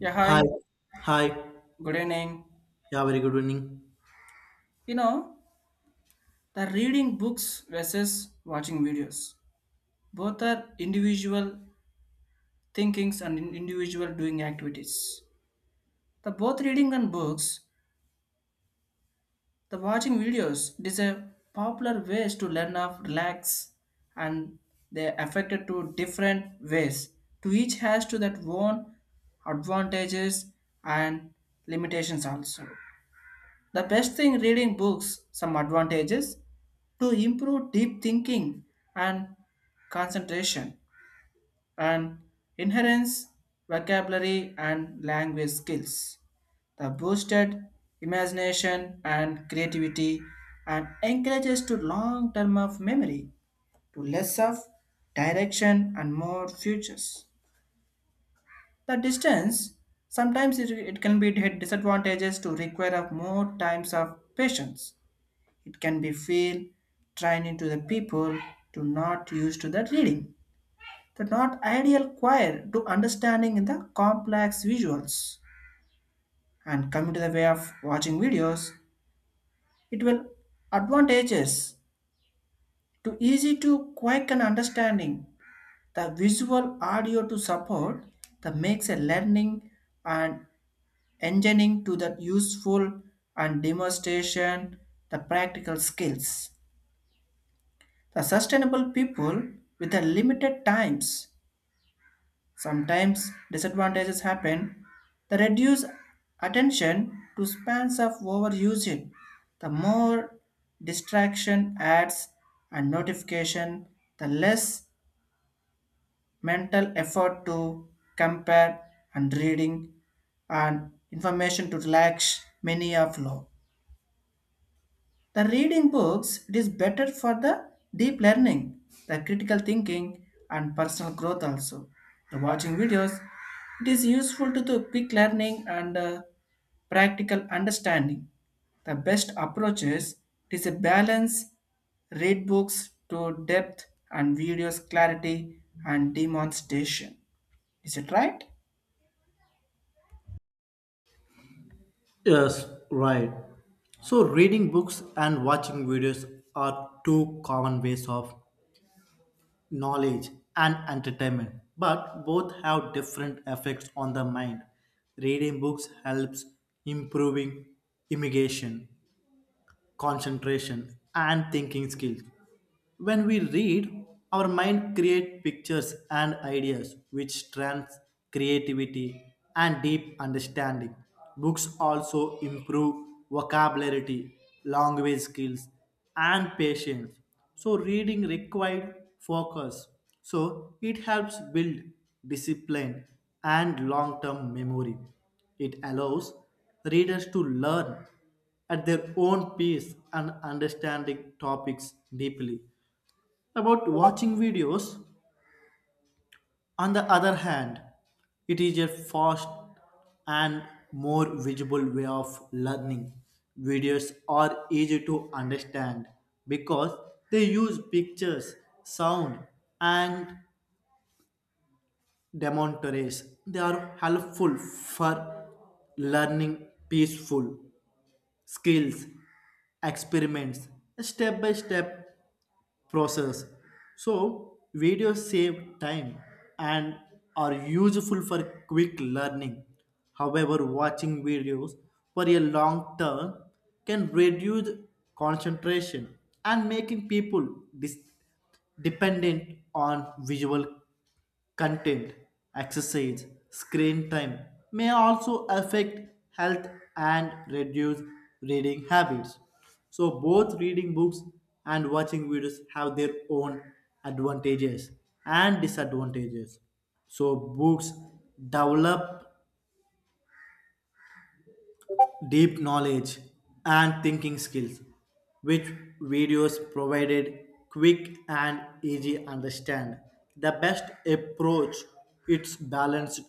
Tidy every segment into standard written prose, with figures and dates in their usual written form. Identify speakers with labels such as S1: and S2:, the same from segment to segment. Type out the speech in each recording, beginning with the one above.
S1: Yeah,
S2: Hi,
S1: hi.
S2: hi.
S1: Good evening.
S2: Yeah, very good evening.
S1: You know, the reading books versus watching videos. Both are individual thinkings and individual doing activities. The both reading and books, the watching videos, it is a popular ways to learn of relax, and they affected to different ways. To each has to that own advantages and limitations also. The best thing reading books, some advantages to improve deep thinking and concentration and inherence vocabulary and language skills. The boosted imagination and creativity and encourages to long term of memory to less of direction and more futures. The distance sometimes it can be disadvantages to require of more times of patience, it can be feel training to the people to not used to the reading. The not ideal choir to understanding in the complex visuals. And coming to the way of watching videos, it will advantages to easy to quick and understanding, the visual audio to support that makes a learning and engineering to the useful and demonstration the practical skills. The sustainable people with a limited times, sometimes disadvantages happen. The reduced attention to spans of overusing, the more distraction ads and notification, the less mental effort to compare and reading and information to relax many of law. The reading books, it is better for the deep learning, the critical thinking, and personal growth also. The watching videos, it is useful to the quick learning and practical understanding. The best approach is it is a balance, read books to depth and videos clarity and demonstration. Is it right?
S2: Yes, right. So, reading books and watching videos are two common ways of knowledge and entertainment, but both have different effects on the mind. Reading books helps improving imagination, concentration, and thinking skills. When we read, our mind creates pictures and ideas which strengthens creativity and deep understanding. Books also improve vocabulary, language skills, and patience. So reading required focus. So it helps build discipline and long-term memory. It allows readers to learn at their own pace and understanding topics deeply. About watching videos, on the other hand, it is a fast and more visible way of learning. Videos are easy to understand because they use pictures, sound, and demonstrates. They are helpful for learning peaceful skills, experiments, step by step process. So, videos save time and are useful for quick learning. However, watching videos for a long term can reduce concentration and making people dis- dependent on visual content, exercise, screen time may also affect health and reduce reading habits. So, both reading books and watching videos have their own advantages and disadvantages. So, books develop deep knowledge and thinking skills, which videos provided quick and easy understand. The best approach, it's balanced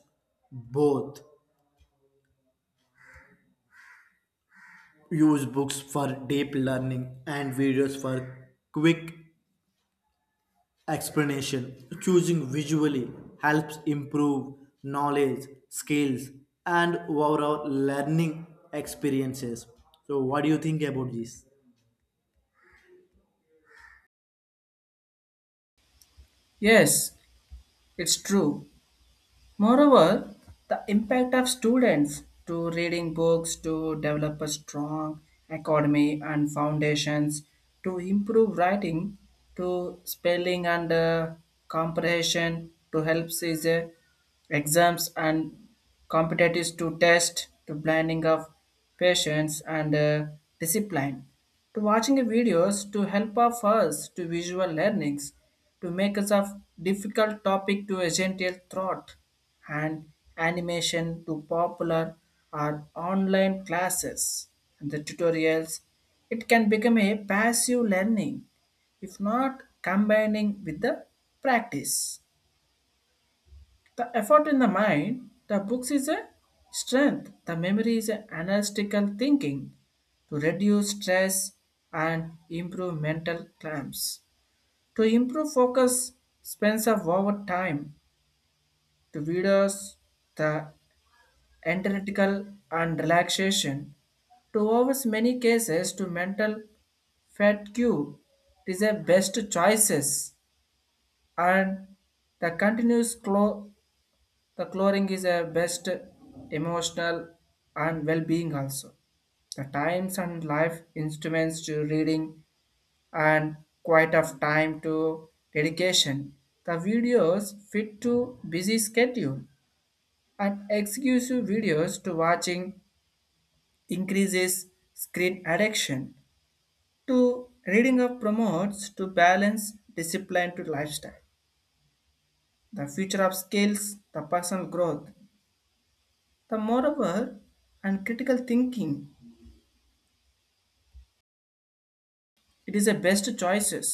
S2: both. Use books for deep learning and videos for quick explanation. Choosing visually helps improve knowledge, skills, and overall learning experiences. So, what do you think about this?
S1: Yes, it's true. Moreover, the impact of students to reading books to develop a strong academy and foundations, to improve writing, to spelling and comprehension to help is exams and competitives to test, to blending of patience and discipline, to watching videos to help of us to visual learnings, to make us of difficult topic to a gentle thought and animation to popular or online classes and the tutorials, it can become a passive learning if not combining with the practice. The effort in the mind, the books is a strength, the memory is an analytical thinking to reduce stress and improve mental clamps. To improve focus spends of over time, the videos, the analytical and relaxation to avoid many cases to mental fatigue is a best choices, and the continuous the chlorine is a best emotional and well-being also, the times and life instruments to reading and quite of time to dedication. The videos fit to busy schedule, and exclusive videos to watching increases screen addiction to reading of promotes to balance discipline to lifestyle, the future of skills, the personal growth, the moreover and critical thinking, it is the best choices,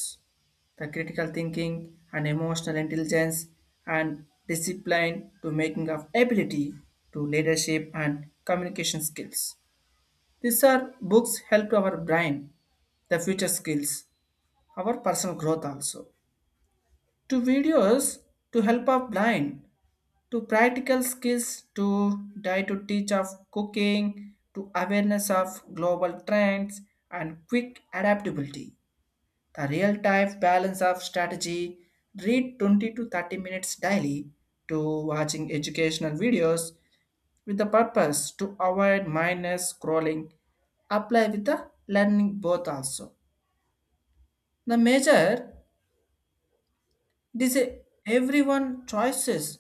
S1: the critical thinking and emotional intelligence and discipline to making of ability, to leadership and communication skills. These are books help to our brain, the future skills, our personal growth also, to videos to help of blind to practical skills, to die to teach of cooking, to awareness of global trends and quick adaptability, the real time balance of strategy, read 20 to 30 minutes daily, to watching educational videos with the purpose to avoid mindless scrolling, apply with the learning both also, the major. This is everyone choices.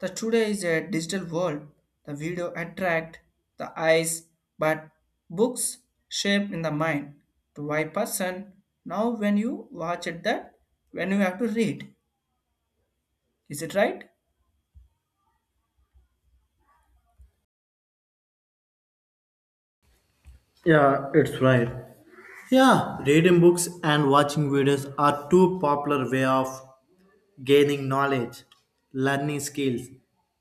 S1: The today is a digital world. The video attract the eyes, but books shape in the mind. To why person now when you watch it that when you have to read. Is it right?
S2: Yeah, it's right. Yeah, reading books and watching videos are two popular way of gaining knowledge, learning skills,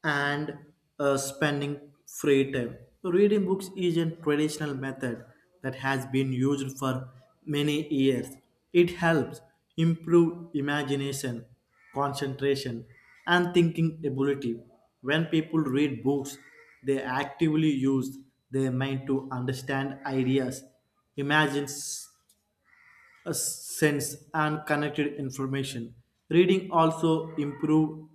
S2: and spending free time. Reading books is a traditional method that has been used for many years. It helps improve imagination, concentration, and thinking ability. When people read books, they actively use their mind to understand ideas, imagines, sense, and connected information. Reading also improves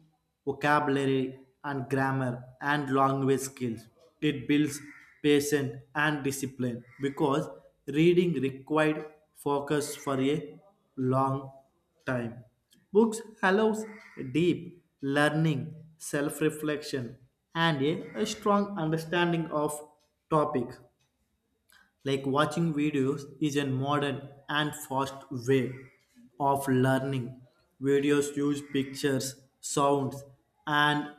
S2: vocabulary and grammar and language skills. It builds patience and discipline because reading required focus for a long time. Books allows deep learning, self-reflection, and a strong understanding of topic. Like watching videos is a modern and fast way of learning. Videos use pictures, sounds, and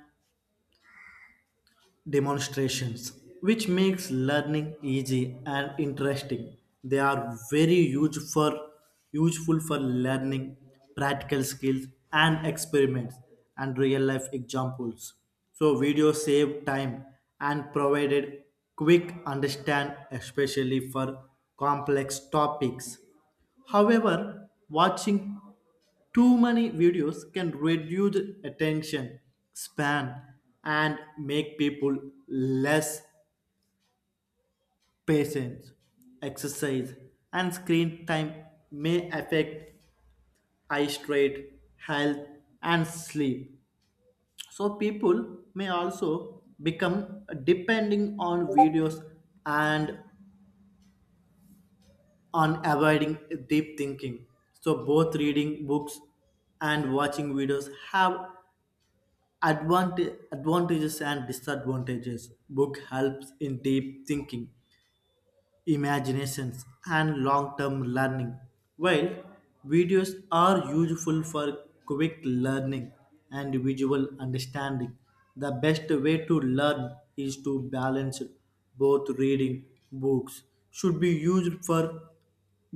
S2: demonstrations, which makes learning easy and interesting. They are very huge for, useful for learning practical skills and experiments and real life examples. So videos save time and provided quick understand, especially for complex topics. However, watching too many videos can reduce attention span and make people less patient. Exercise and screen time may affect eye strain, health, and sleep. So, people may also become depending on videos and on avoiding deep thinking. So, both reading books and watching videos have Advant advantages and disadvantages. Book helps in deep thinking, imaginations, and long-term learning. While videos are useful for quick learning and visual understanding, the best way to learn is to balance both. Reading books should be used for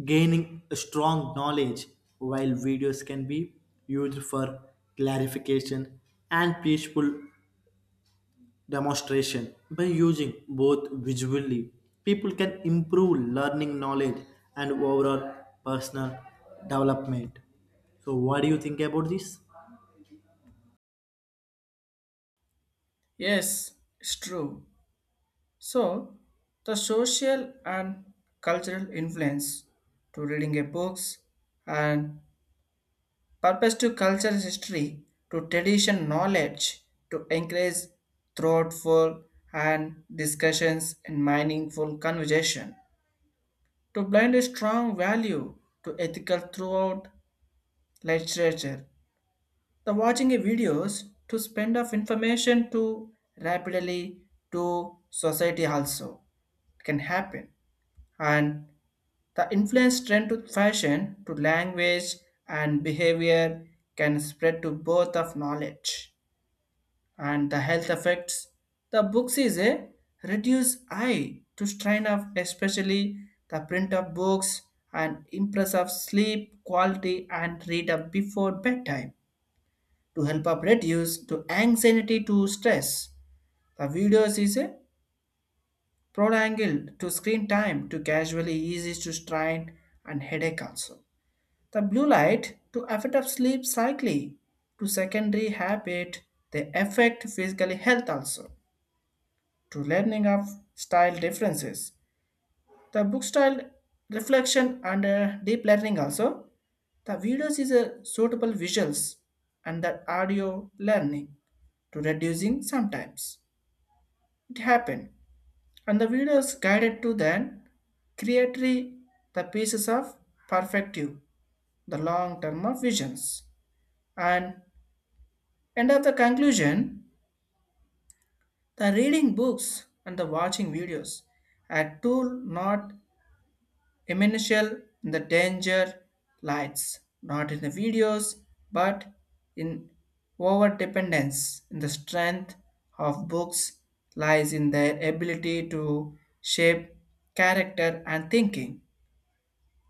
S2: gaining strong knowledge, while videos can be used for clarification and peaceful demonstration. By using both visually, people can improve learning knowledge and overall personal development. So, what do you think about this?
S1: Yes, it's true. So the social and cultural influence to reading a books and purpose to culture history, to tradition knowledge, to encourage thoughtful and discussions and meaningful conversation, to blend a strong value to ethical throughout literature. The watching a videos to spend of information to rapidly to society also can happen, and the influence trend to fashion, to language and behavior, can spread to both of knowledge and the health effects. The books is a reduce eye to strain of especially the print of books, and impress of sleep quality and read up before bedtime to help up reduce to anxiety to stress. The videos is a prolonged to screen time to casually easy to strain and headache also. The blue light to affect of sleep cycle to secondary habit, they affect physical health also, to learning of style differences. The book style reflection and deep learning also. The videos is a suitable visuals and the audio learning to reducing sometimes. It happened. And the videos guided to then create the pieces of perspective, the long term of visions. And And of the conclusion, the reading books and the watching videos are tool not essential in the danger lights, not in the videos, but in over dependence in the strength of books lies in their ability to shape character and thinking.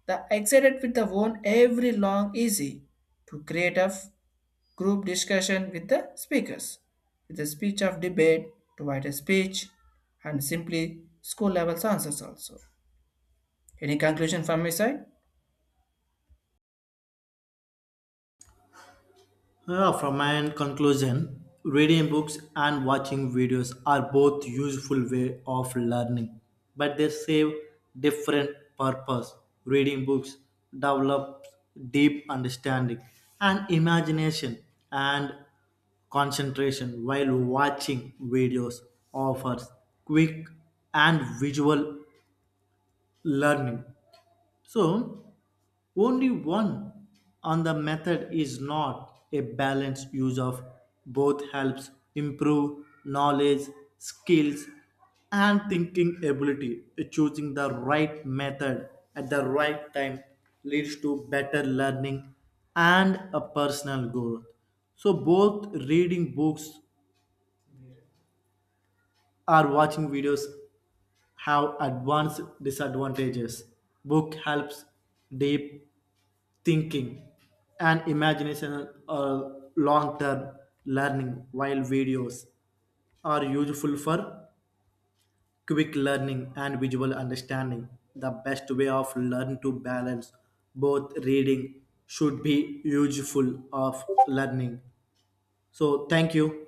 S1: The excited with the one every long easy to creative group discussion with the speakers, with the speech of debate, to write a speech, and simply school level answers also. Any conclusion from my side?
S2: From my end conclusion, reading books and watching videos are both useful way of learning, but they serve different purpose. Reading books develops deep understanding and imagination and concentration, while watching videos offers quick and visual learning. So only one on the method is not a balanced use of both helps improve knowledge, skills, and thinking ability. Choosing the right method at the right time leads to better learning and a personal growth. So both reading books or watching videos have advanced disadvantages. Book helps deep thinking and imagination or long term learning, while videos are useful for quick learning and visual understanding. The best way of learn to balance both reading should be useful of learning. So thank you.